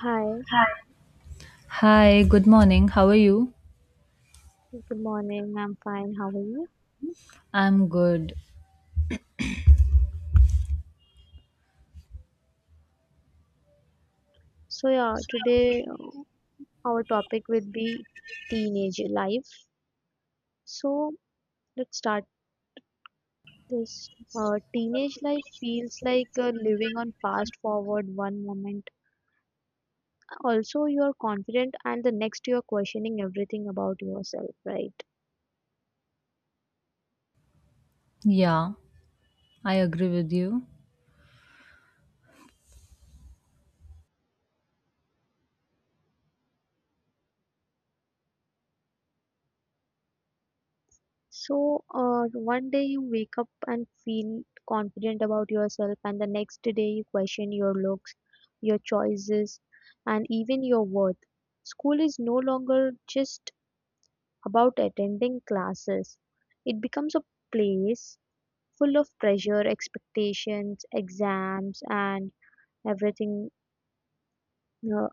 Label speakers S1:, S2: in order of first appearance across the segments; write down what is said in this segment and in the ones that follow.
S1: Hi,
S2: Hi, good morning. How are you?
S1: good morning. I'm fine. How are you?
S2: I'm good.
S1: So today our topic will be teenage life. So, let's start this. Teenage life feels like living on fast forward one moment. Also, you are confident, and the next, you are questioning everything about yourself, right?
S2: Yeah, I agree with you.
S1: So, one day you wake up and feel confident about yourself, and the next day you question your looks, your choices, and even your worth. School is no longer just about attending classes, it becomes a place full of pressure, expectations, exams, and everything. uh,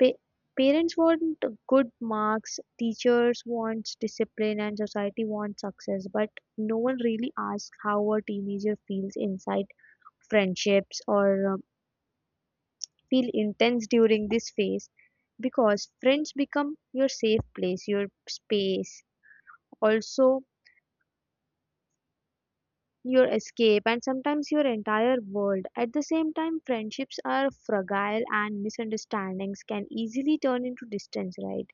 S1: Pa- Parents want good marks, teachers want discipline, and society wants success, but no one really asks how a teenager feels inside friendships or um, feel intense during this phase because friends become your safe place, your space, also your escape, and sometimes your entire world. At the same time, friendships are fragile and misunderstandings can easily turn into distance, right?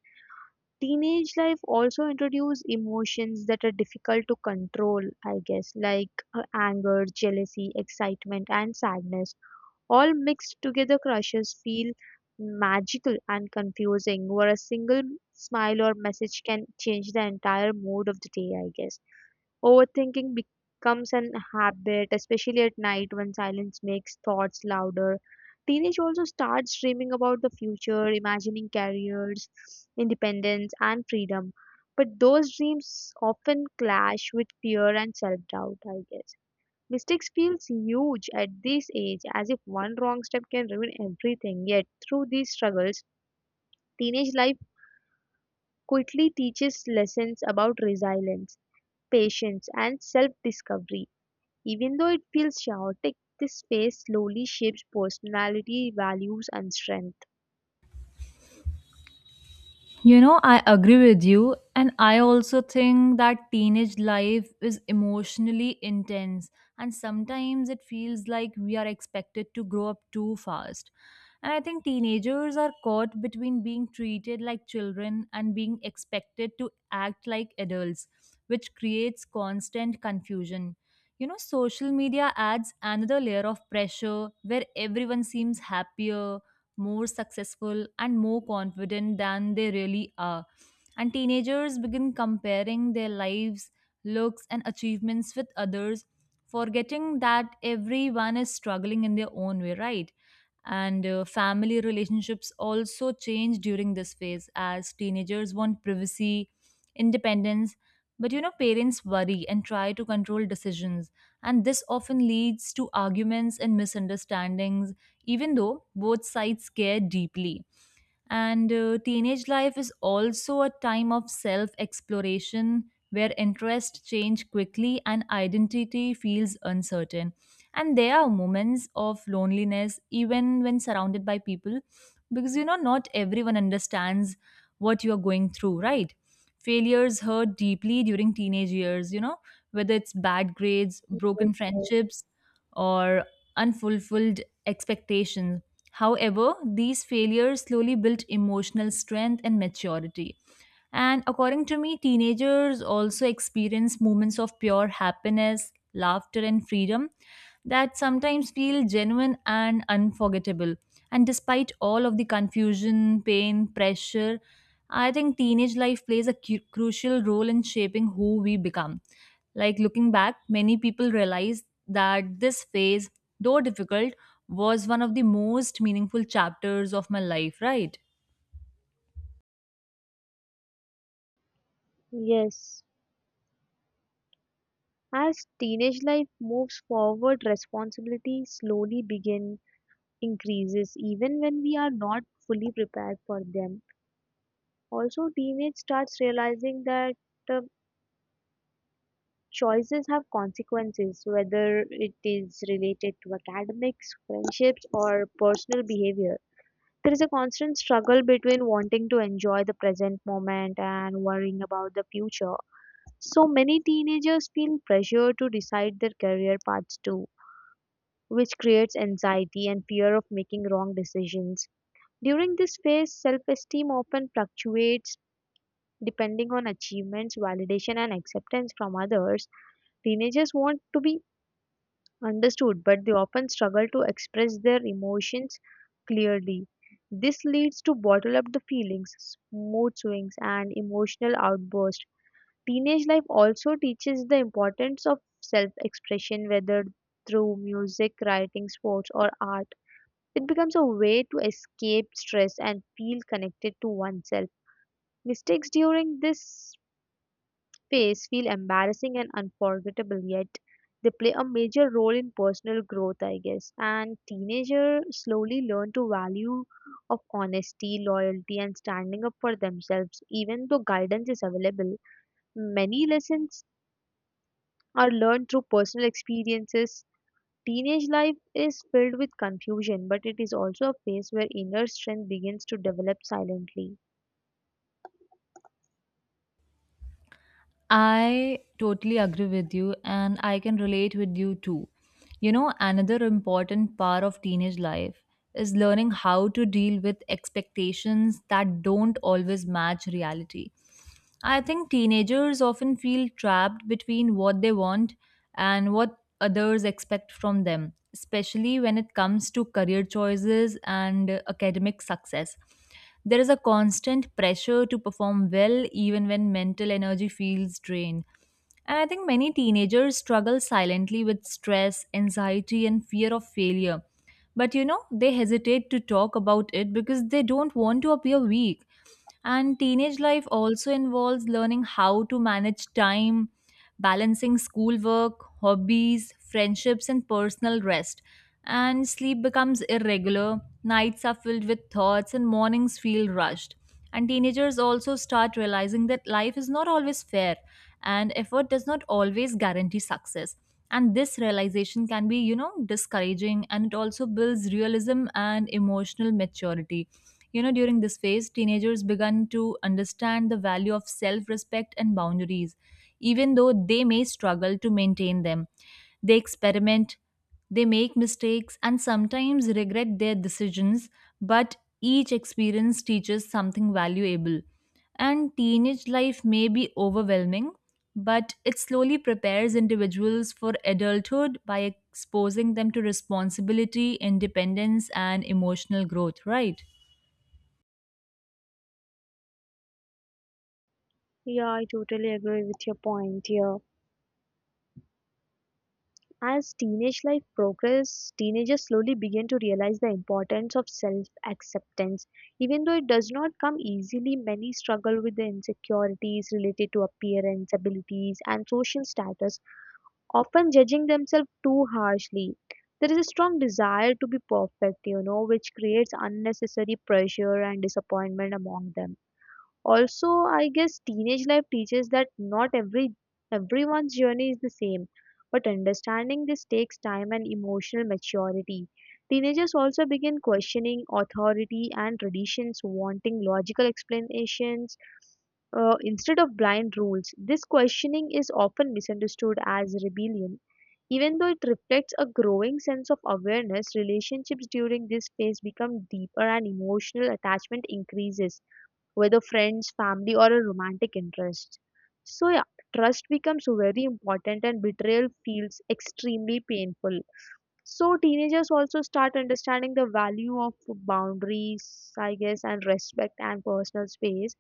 S1: Teenage life also introduces emotions that are difficult to control, I guess, like anger, jealousy, excitement, and sadness. All mixed together, crushes feel magical and confusing, where a single smile or message can change the entire mood of the day, I guess. Overthinking becomes an habit, especially at night when silence makes thoughts louder. Teenage also starts dreaming about the future, imagining careers, independence, and freedom. But those dreams often clash with fear and self doubt, I guess. Mistakes feels huge at this age, as if one wrong step can ruin everything. Yet, through these struggles, teenage life quickly teaches lessons about resilience, patience, and self discovery even though it feels chaotic, this phase slowly shapes personality, values, and strength.
S2: You know, I agree with you. And I also think that teenage life is emotionally intense. And sometimes it feels like we are expected to grow up too fast. And I think teenagers are caught between being treated like children and being expected to act like adults, which creates constant confusion. You know, social media adds another layer of pressure where everyone seems happier, more successful, and more confident than they really are. And teenagers begin comparing their lives, looks, and achievements with others, forgetting that everyone is struggling in their own way, right? And family relationships also change during this phase as teenagers want privacy, independence, but you know, parents worry and try to control decisions. And this often leads to arguments and misunderstandings, even though both sides care deeply. And teenage life is also a time of self exploration where interests change quickly and identity feels uncertain. And there are moments of loneliness, even when surrounded by people, because you know, not everyone understands what you're going through, right? Failures hurt deeply during teenage years, you know, whether it's bad grades,
S1: Yes,
S2: broken
S1: yes.
S2: friendships, or unfulfilled expectations. However, these failures slowly built emotional strength and maturity. And according to me, teenagers also experience moments of pure happiness, laughter, and freedom that sometimes feel genuine and unforgettable. And despite all of the confusion, pain, pressure, I think teenage life plays a crucial role in shaping who we become. Like looking back, many people realize that this phase, though difficult, was one of the most meaningful chapters of my life, right?
S1: Yes. As teenage life moves forward, responsibility slowly begin increases even when we are not fully prepared for them. Also, teenage starts realizing that uh, choices have consequences, whether it is related to academics, friendships, or personal behavior. There is a constant struggle between wanting to enjoy the present moment and worrying about the future. So many teenagers feel pressure to decide their career paths too, which creates anxiety and fear of making wrong decisions. During this phase, self esteem often fluctuates depending on achievements, validation, and acceptance from others. Teenagers want to be understood, but they often struggle to express their emotions clearly. This leads to bottle up the feelings, mood swings, and emotional outbursts. Teenage life also teaches the importance of self expression, whether through music, writing, sports, or art. It becomes a way to escape stress and feel connected to oneself. Mistakes during this phase feel embarrassing and unforgettable, yet they play a major role in personal growth, I guess. And teenagers slowly learn to value of honesty, loyalty, and standing up for themselves, even though guidance is available. Many lessons are learned through personal experiences. Teenage life is filled with confusion, but it is also a phase where inner strength begins to develop silently.
S2: I totally agree with you and I can relate with you too. You know, another important part of teenage life is learning how to deal with expectations that don't always match reality. I think teenagers often feel trapped between what they want and what others expect from them, especially when it comes to career choices and academic success. There is a constant pressure to perform well even when mental energy feels drained. And I think many teenagers struggle silently with stress, anxiety, and fear of failure. But you know, they hesitate to talk about it because they don't want to appear weak. And teenage life also involves learning how to manage time, balancing schoolwork, hobbies, friendships, and personal rest. And sleep becomes irregular, nights are filled with thoughts, and mornings feel rushed. And teenagers also start realizing that life is not always fair, and effort does not always guarantee success. And this realization can be, you know, discouraging, and it also builds realism and emotional maturity. You know, during this phase, teenagers began to understand the value of self respect and boundaries, even though they may struggle to maintain them. They experiment, they make mistakes, and sometimes regret their decisions, but each experience teaches something valuable. And teenage life may be overwhelming, but it slowly prepares individuals for adulthood by exposing them to responsibility, independence, and emotional growth, right?
S1: Yeah, I totally agree with your point here. As teenage life progresses, teenagers slowly begin to realize the importance of self acceptance. Even though it does not come easily, many struggle with the insecurities related to appearance, abilities, and social status, often judging themselves too harshly. There is a strong desire to be perfect, you know, which creates unnecessary pressure and disappointment among them also I guess teenage life teaches that not every everyone's journey is the same but understanding this takes time and emotional maturity. Teenagers also begin questioning authority and traditions wanting logical explanations instead of blind rules. This questioning is often misunderstood as rebellion even though it reflects a growing sense of awareness. Relationships during this phase become deeper and emotional attachment increases, whether friends, family, or a romantic interest. So, yeah, trust becomes very important and betrayal feels extremely painful. So, teenagers also start understanding the value of boundaries, I guess, and respect and personal space.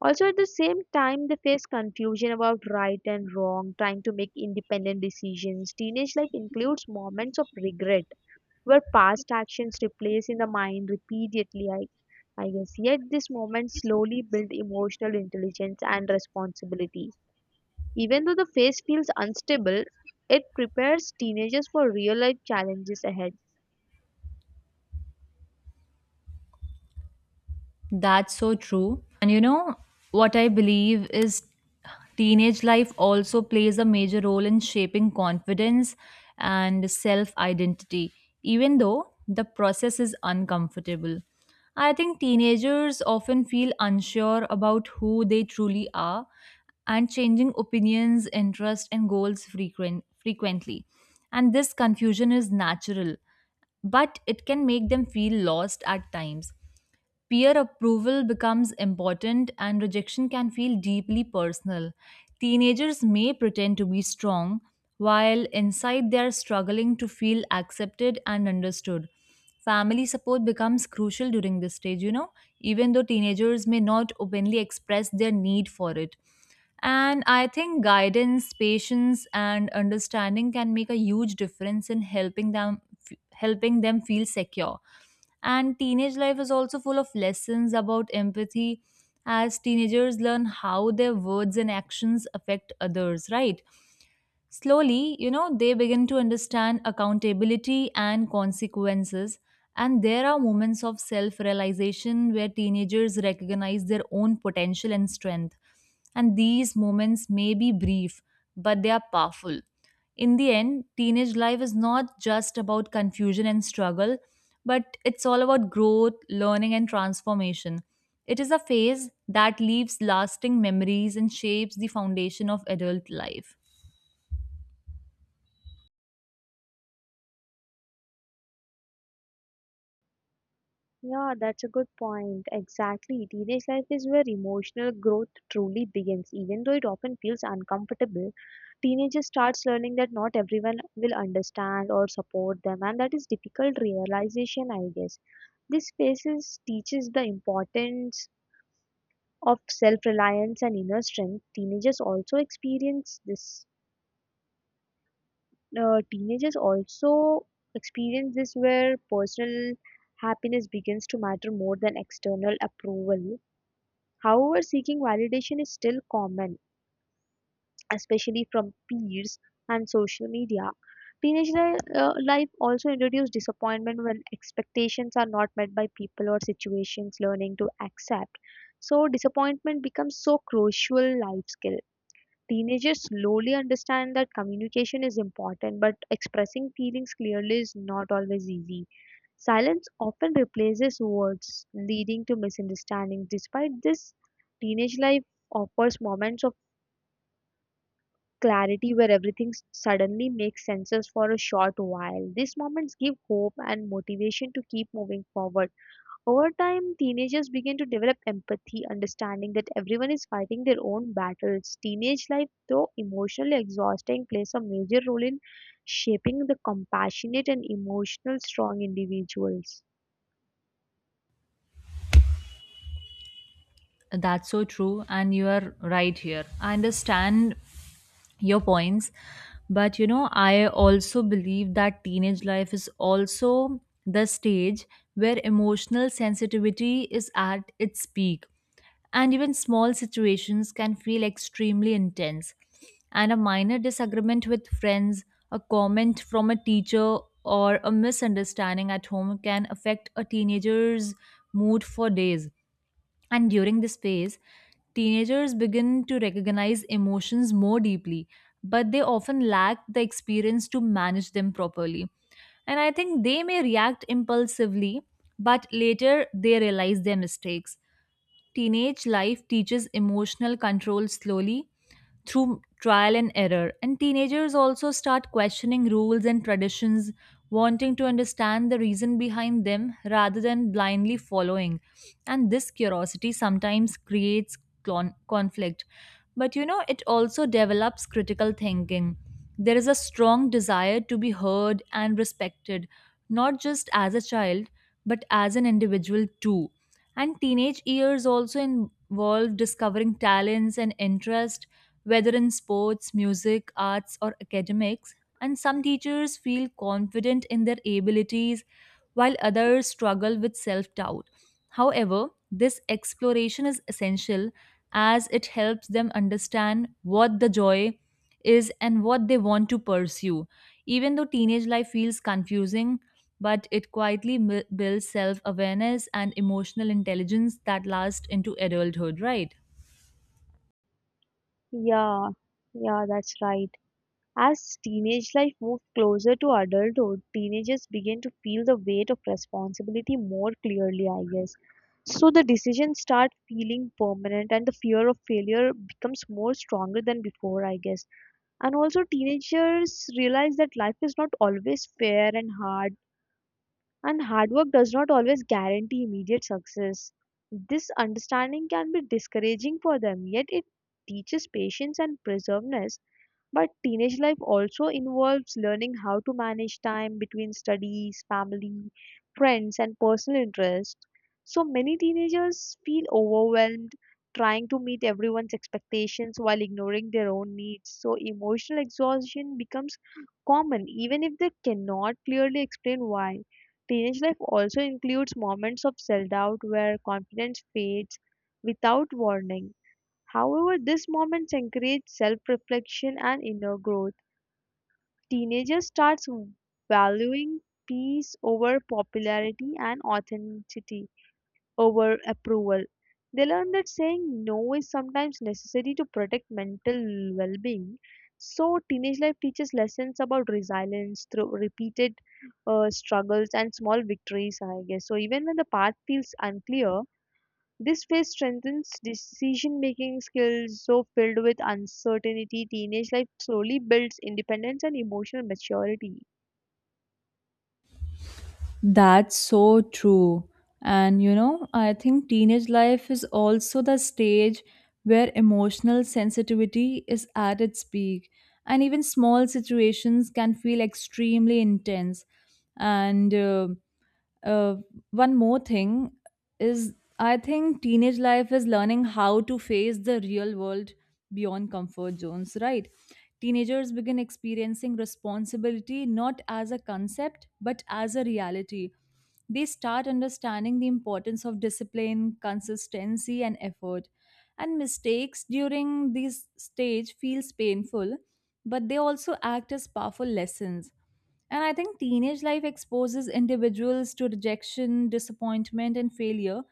S1: Also, at the same time, they face confusion about right and wrong, trying to make independent decisions. Teenage life includes moments of regret where past actions replace in the mind repeatedly, I guess. Yet this moment slowly build emotional intelligence and responsibility. Even though the phase feels unstable, it prepares teenagers for real life challenges ahead.
S2: That's so true. And you know, what I believe is teenage life also plays a major role in shaping confidence and self identity, even though the process is uncomfortable. I think teenagers often feel unsure about who they truly are and changing opinions, interests, and goals frequently. And this confusion is natural, but it can make them feel lost at times. Peer approval becomes important, and rejection can feel deeply personal. Teenagers may pretend to be strong, while inside they are struggling to feel accepted and understood. Family support becomes crucial during this stage, you know, even though teenagers may not openly express their need for it. And I think guidance, patience, and understanding can make a huge difference in helping them feel secure. And teenage life is also full of lessons about empathy as teenagers learn how their words and actions affect others, right? Slowly, you know, they begin to understand accountability and consequences. And there are moments of self realization where teenagers recognize their own potential and strength. And these moments may be brief, but they are powerful. In the end, teenage life is not just about confusion and struggle, but it's all about growth, learning, and transformation. It is a phase that leaves lasting memories and shapes the foundation of adult life.
S1: Yeah, that's a good point. Exactly. Teenage life is where emotional growth truly begins. Even though it often feels uncomfortable, teenagers starts learning that not everyone will understand or support them and that is difficult realization, I guess. Teaches the importance of self-reliance and inner strength. Teenagers also experience this where personal happiness begins to matter more than external approval. However, seeking validation is still common, especially from peers and social media. Life also introduces disappointment when expectations are not met by people or situations. Learning to accept so disappointment becomes so crucial life skill. Teenagers slowly understand that communication is important, but expressing feelings clearly is not always easy. Silence often replaces words, leading to misunderstandings. Despite this, teenage life offers moments of clarity where everything suddenly makes sense for a short while. These moments give hope and motivation to keep moving forward. Over time, teenagers begin to develop empathy, understanding that everyone is fighting their own battles. Teenage life, though emotionally exhausting, plays a major role in shaping the compassionate and emotional strong individuals.
S2: That's so true, and you are right here. I understand your points, but you know, I also believe that teenage life is also the stage where emotional sensitivity is at its peak, and even small situations can feel extremely intense. And a minor disagreement with friends, a comment from a teacher, or a misunderstanding at home can affect a teenager's mood for days. And during this phase, teenagers begin to recognize emotions more deeply, but they often lack the experience to manage them properly. And I think they may react impulsively, but later they realize their mistakes. Teenage life teaches emotional control slowly through trial and error, and teenagers also start questioning rules and traditions, wanting to understand the reason behind them rather than blindly following. And this curiosity sometimes creates conflict, but you know, it also develops critical thinking. There is a strong desire to be heard and respected, not just as a child, but as an individual too. And teenage years also involve discovering talents and interest, whether in sports, music, arts, or academics. And some teachers feel confident in their abilities, while others struggle with self doubt. However, this exploration is essential as it helps them understand what the joy is and what they want to pursue. Even though teenage life feels confusing, but it quietly builds self awareness and emotional intelligence that lasts into adulthood, right?
S1: Yeah, yeah, that's right. As teenage life moves closer to adulthood, teenagers begin to feel the weight of responsibility more clearly, I guess. So the decisions start feeling permanent and the fear of failure becomes more stronger than before, I guess. And also teenagers realize that life is not always fair and hard work does not always guarantee immediate success. This understanding can be discouraging for them, yet it teaches patience and perseverance. But teenage life also involves learning how to manage time between studies, family, friends, and personal interests. So many teenagers feel overwhelmed trying to meet everyone's expectations while ignoring their own needs. So emotional exhaustion becomes common even if they cannot clearly explain why. Teenage life also includes moments of self doubt where confidence fades without warning. However, these moments encourage self reflection and inner growth. Teenagers start valuing peace over popularity and authenticity over approval. They learn that saying no is sometimes necessary to protect mental well being. So, teenage life teaches lessons about resilience through repeated struggles and small victories, I guess. So, even when the path feels unclear, this phase strengthens decision making skills so filled with uncertainty. Teenage life slowly builds independence and emotional maturity.
S2: That's so true. And you know, I think teenage life is also the stage where emotional sensitivity is at its peak, and even small situations can feel extremely intense. And uh, one more thing is I think teenage life is learning how to face the real world beyond comfort zones, right? Teenagers begin experiencing responsibility not as a concept but as a reality. They start understanding the importance of discipline, consistency, and effort. And mistakes during this stage feels painful, but they also act as powerful lessons. And I think teenage life exposes individuals to rejection, disappointment, and failure,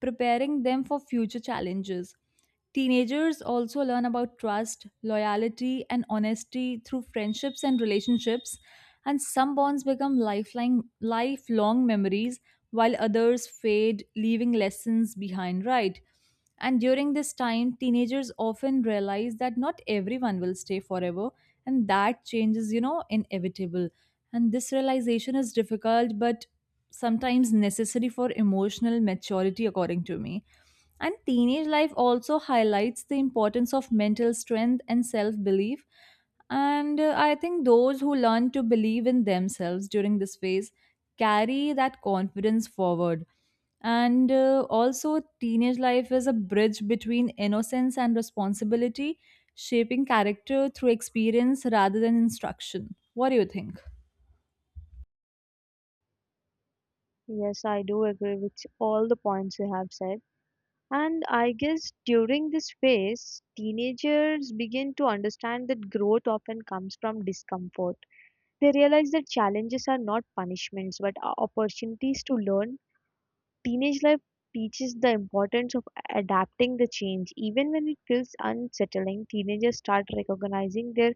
S2: preparing them for future challenges. Teenagers also learn about trust, loyalty, and honesty through friendships and relationships, and some bonds become lifelong memories while others fade, leaving lessons behind, right? And during this time, teenagers often realize that not everyone will stay forever, and that change is, you know, inevitable. And this realization is difficult but sometimes necessary for emotional maturity, according to me. And teenage life also highlights the importance of mental strength and self belief. And I think those who learn to believe in themselves during this phase carry that confidence forward. And also, teenage life is a bridge between innocence and responsibility, shaping character through experience rather than instruction. What do you think?
S1: Yes, I do agree with all the points you have said. And I guess during this phase, teenagers begin to understand that growth often comes from discomfort. They realize that challenges are not punishments but are opportunities to learn. Teenage life teaches the importance of adapting the change. Even when it feels unsettling, teenagers start recognizing their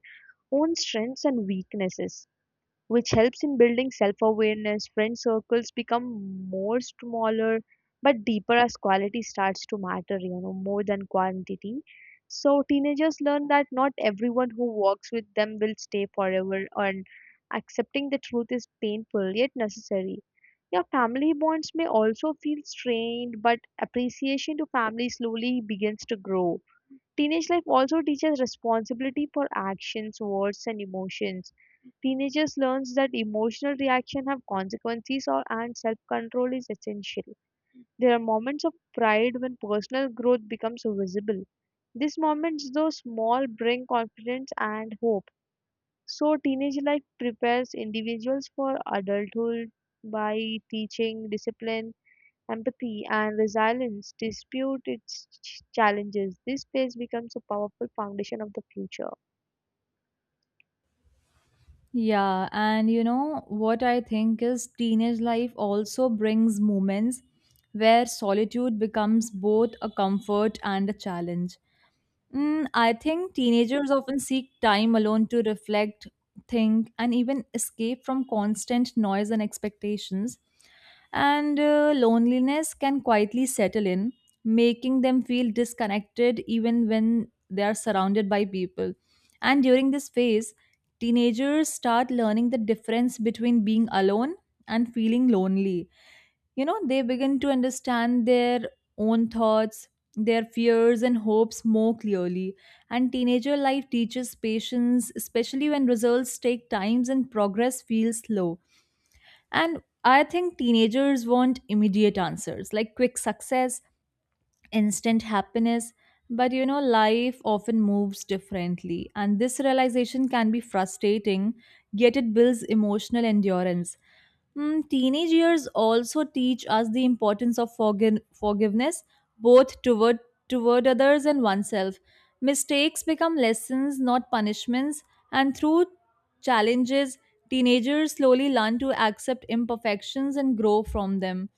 S1: own strengths and weaknesses, which helps in building self awareness. Friend circles become more smaller but deeper as quality starts to matter, you know, more than quantity. So, teenagers learn that not everyone who walks with them will stay forever, and accepting the truth is painful yet necessary. Your family bonds may also feel strained, but appreciation to family slowly begins to grow. Teenage life also teaches responsibility for actions, words, and emotions. Teenagers learns that emotional reaction have consequences or and self-control is essential. There are moments of pride when personal growth becomes visible. These moments, though small, bring confidence and hope. So, teenage life prepares individuals for adulthood by teaching discipline, empathy, and resilience to dispute its challenges. This phase becomes a powerful foundation of the future.
S2: Yeah, and you know what I think is teenage life also brings moments where solitude becomes both a comfort and a challenge. I think teenagers often seek time alone to reflect, think, and even escape from constant noise and expectations. And loneliness can quietly settle in, making them feel disconnected even when they are surrounded by people. And during this phase, teenagers start learning the difference between being alone and feeling lonely. You know, they begin to understand their own thoughts, their fears, and hopes more clearly. And teenager life teaches patience, especially when results take times and progress feels slow. And I think teenagers want immediate answers, like quick success, instant happiness. But you know, life often moves differently, and this realization can be frustrating, yet, it builds emotional endurance. Teenage years also teach us the importance of forgiveness, both toward others and oneself. Mistakes become lessons, not punishments, and through challenges, teenagers slowly learn to accept imperfections and grow from them.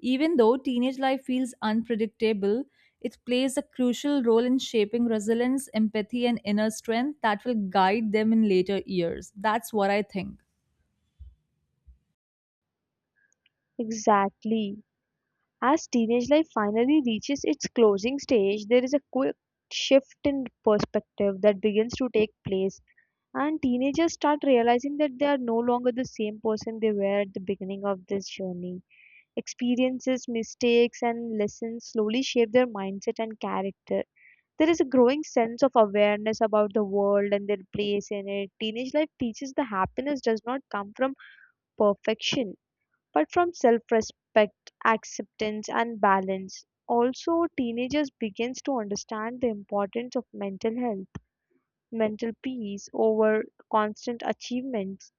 S2: Even though teenage life feels unpredictable, it plays a crucial role in shaping resilience, empathy, and inner strength that will guide them in later years. That's what I think.
S1: Exactly. As teenage life finally reaches its closing stage, there is a quick shift in perspective that begins to take place, and teenagers start realizing that they are no longer the same person they were at the beginning of this journey. Experiences, mistakes, and lessons slowly shape their mindset and character. There is a growing sense of awareness about the world and their place in it. Teenage life teaches that happiness does not come from perfection, but from self respect, acceptance, and balance. Also, teenagers begins to understand the importance of mental health, mental peace over constant achievements.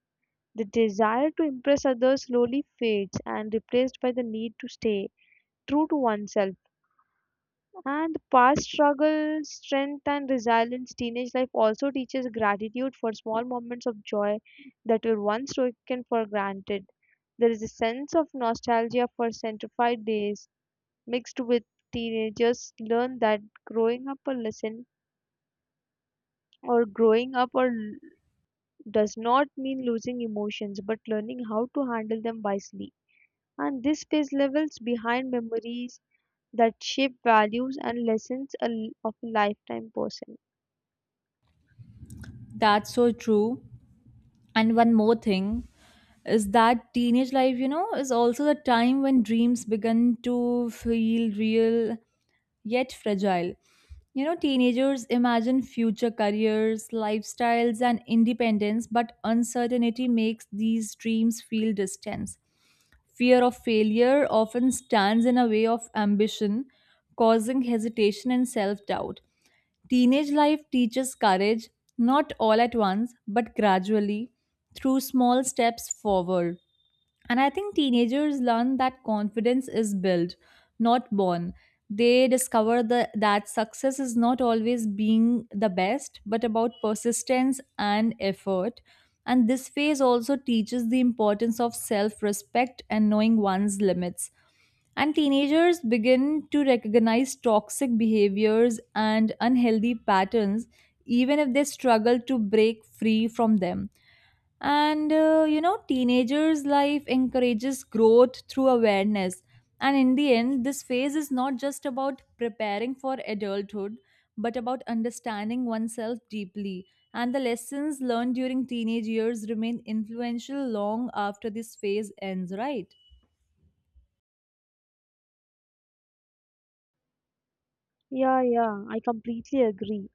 S1: The desire to impress others slowly fades and replaced by the need to stay true to oneself. And past struggle, strength, and resilience, teenage life also teaches gratitude for small moments of joy that were once taken for granted. There is a sense of nostalgia for centrified days mixed with teenagers learn that growing up a lesson growing up does not mean losing emotions but learning how to handle them wisely. And this phase levels behind memories that shape values and lessons of a lifetime person.
S2: That's so true. And one more thing is that teenage life, you know, is also the time when dreams begin to feel real yet fragile. You know, teenagers imagine future careers, lifestyles, and independence, but uncertainty makes these dreams feel distant. Fear of failure often stands in a way of ambition, causing hesitation and self doubt. Teenage life teaches courage, not all at once, but gradually, through small steps forward. And I think teenagers learn that confidence is built, not born. They discover that success is not always being the best, but about persistence and effort. And this phase also teaches the importance of self respect and knowing one's limits. And teenagers begin to recognize toxic behaviors and unhealthy patterns, even if they struggle to break free from them. And you know, teenagers' life encourages growth through awareness. And in the end, this phase is not just about preparing for adulthood, but about understanding oneself deeply. And the lessons learned during teenage years remain influential long after this phase ends, right?
S1: Yeah, I completely agree.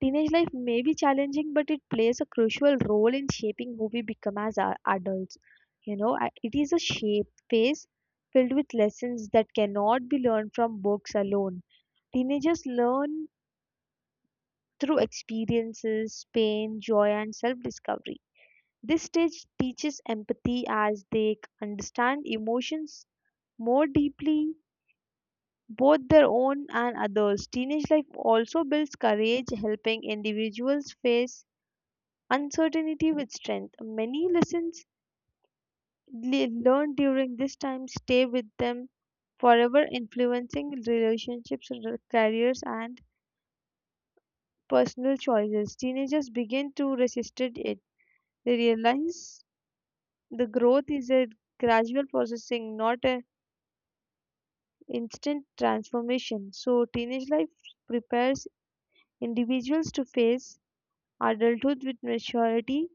S1: Teenage life may be challenging, but it plays a crucial role in shaping who we become as adults. You know, it is a shape phase filled with lessons that cannot be learned from books alone. Teenagers learn through experiences, pain, joy, and self discovery. This stage teaches empathy as they understand emotions more deeply, both their own and others. Teenage life also builds courage, helping individuals face uncertainty with strength. Many lessons learned during this time stay with them forever, influencing relationships, careers, and personal choices. Teenagers begin to resist it. They realize the growth is a gradual processing, not an instant transformation. So, teenage life prepares individuals to face adulthood with maturity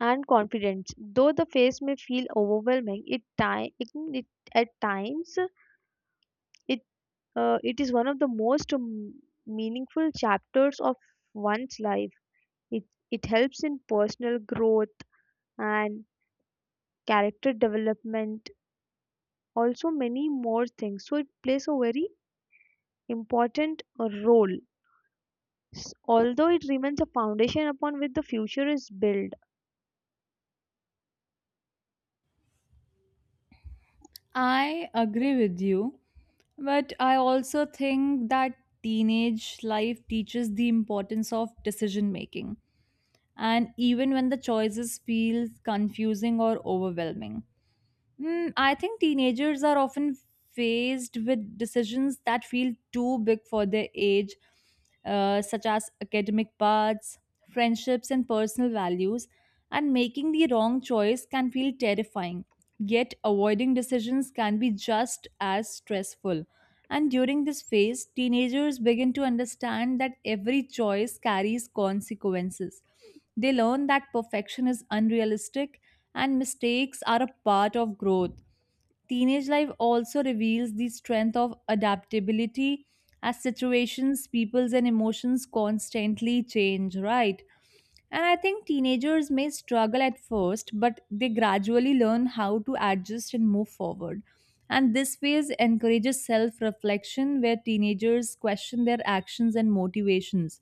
S1: and confidence. Though the phase may feel overwhelming, it, ti- it at times it it is one of the most meaningful chapters of one's life. It it helps in personal growth and character development, also many more things. So it plays a very important role. Although it remains a foundation upon which the future is built.
S2: I agree with you, but I also think that teenage life teaches the importance of decision making and even when the choices feel confusing or overwhelming. I think teenagers are often faced with decisions that feel too big for their age, such as academic paths, friendships, and personal values, and making the wrong choice can feel terrifying. Yet, avoiding decisions can be just as stressful. And during this phase, teenagers begin to understand that every choice carries consequences. They learn that perfection is unrealistic and mistakes are a part of growth. Teenage life also reveals the strength of adaptability as situations, peoples, and emotions constantly change, right? And I think teenagers may struggle at first, but they gradually learn how to adjust and move forward. And this phase encourages self reflection, where teenagers question their actions and motivations.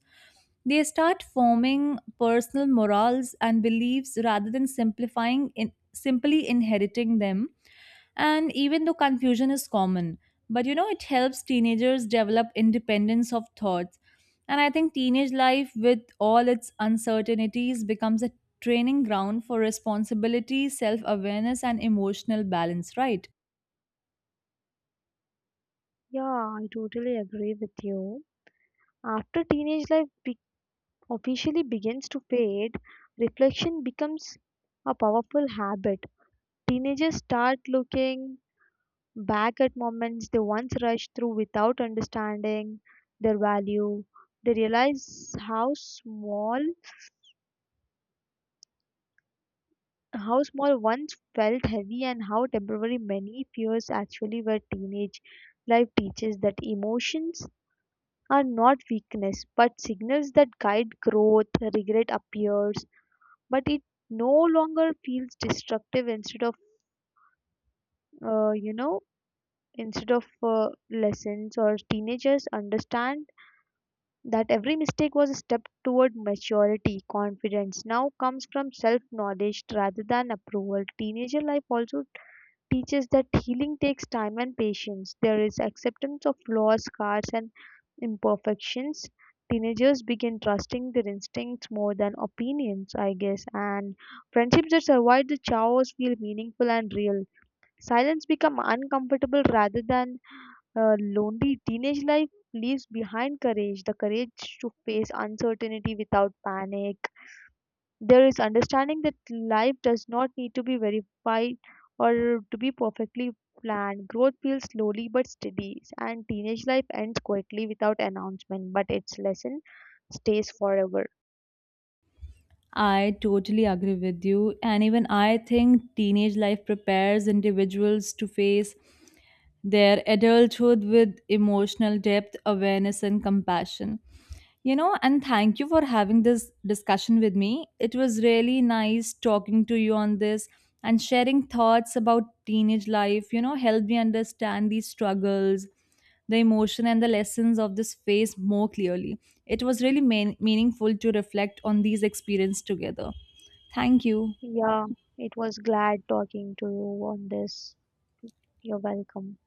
S2: They start forming personal morals and beliefs rather than simply inheriting them. And even though confusion is common, but you know, it helps teenagers develop independence of thoughts. And I think teenage life, with all its uncertainties, becomes a training ground for responsibility, self awareness, and emotional balance, right?
S1: Yeah, I totally agree with you. After teenage life officially begins to fade, reflection becomes a powerful habit. Teenagers start looking back at moments they once rushed through without understanding their value. They realize how small once felt heavy and how temporary many fears actually were. Teenage life teaches that emotions are not weakness but signals that guide growth. Regret appears, but it no longer feels destructive. Uh, you know, Instead of lessons or teenagers understand that every mistake was a step toward maturity. Confidence now comes from self knowledge rather than approval. Teenager life also teaches that healing takes time and patience. There is acceptance of flaws, scars, and imperfections. Teenagers begin trusting their instincts more than opinions, I guess, and friendships that survive the chaos feel meaningful and real. Silence become uncomfortable rather than lonely. Teenage life leaves behind courage, the courage to face uncertainty without panic. There is understanding that life does not need to be verified or to be perfectly planned. Growth feels slowly but steady, and teenage life ends quietly without announcement, but its lesson stays forever.
S2: I totally agree with you. And even I think teenage life prepares individuals to face their adulthood with emotional depth, awareness, and compassion. You know, and thank you for having this discussion with me. It was really nice talking to you on this and sharing thoughts about teenage life, you know, helped me understand these struggles, the emotion, and the lessons of this phase more clearly. It was really meaningful to reflect on these experiences together. Thank you.
S1: Yeah, it was glad talking to you on this. You're welcome.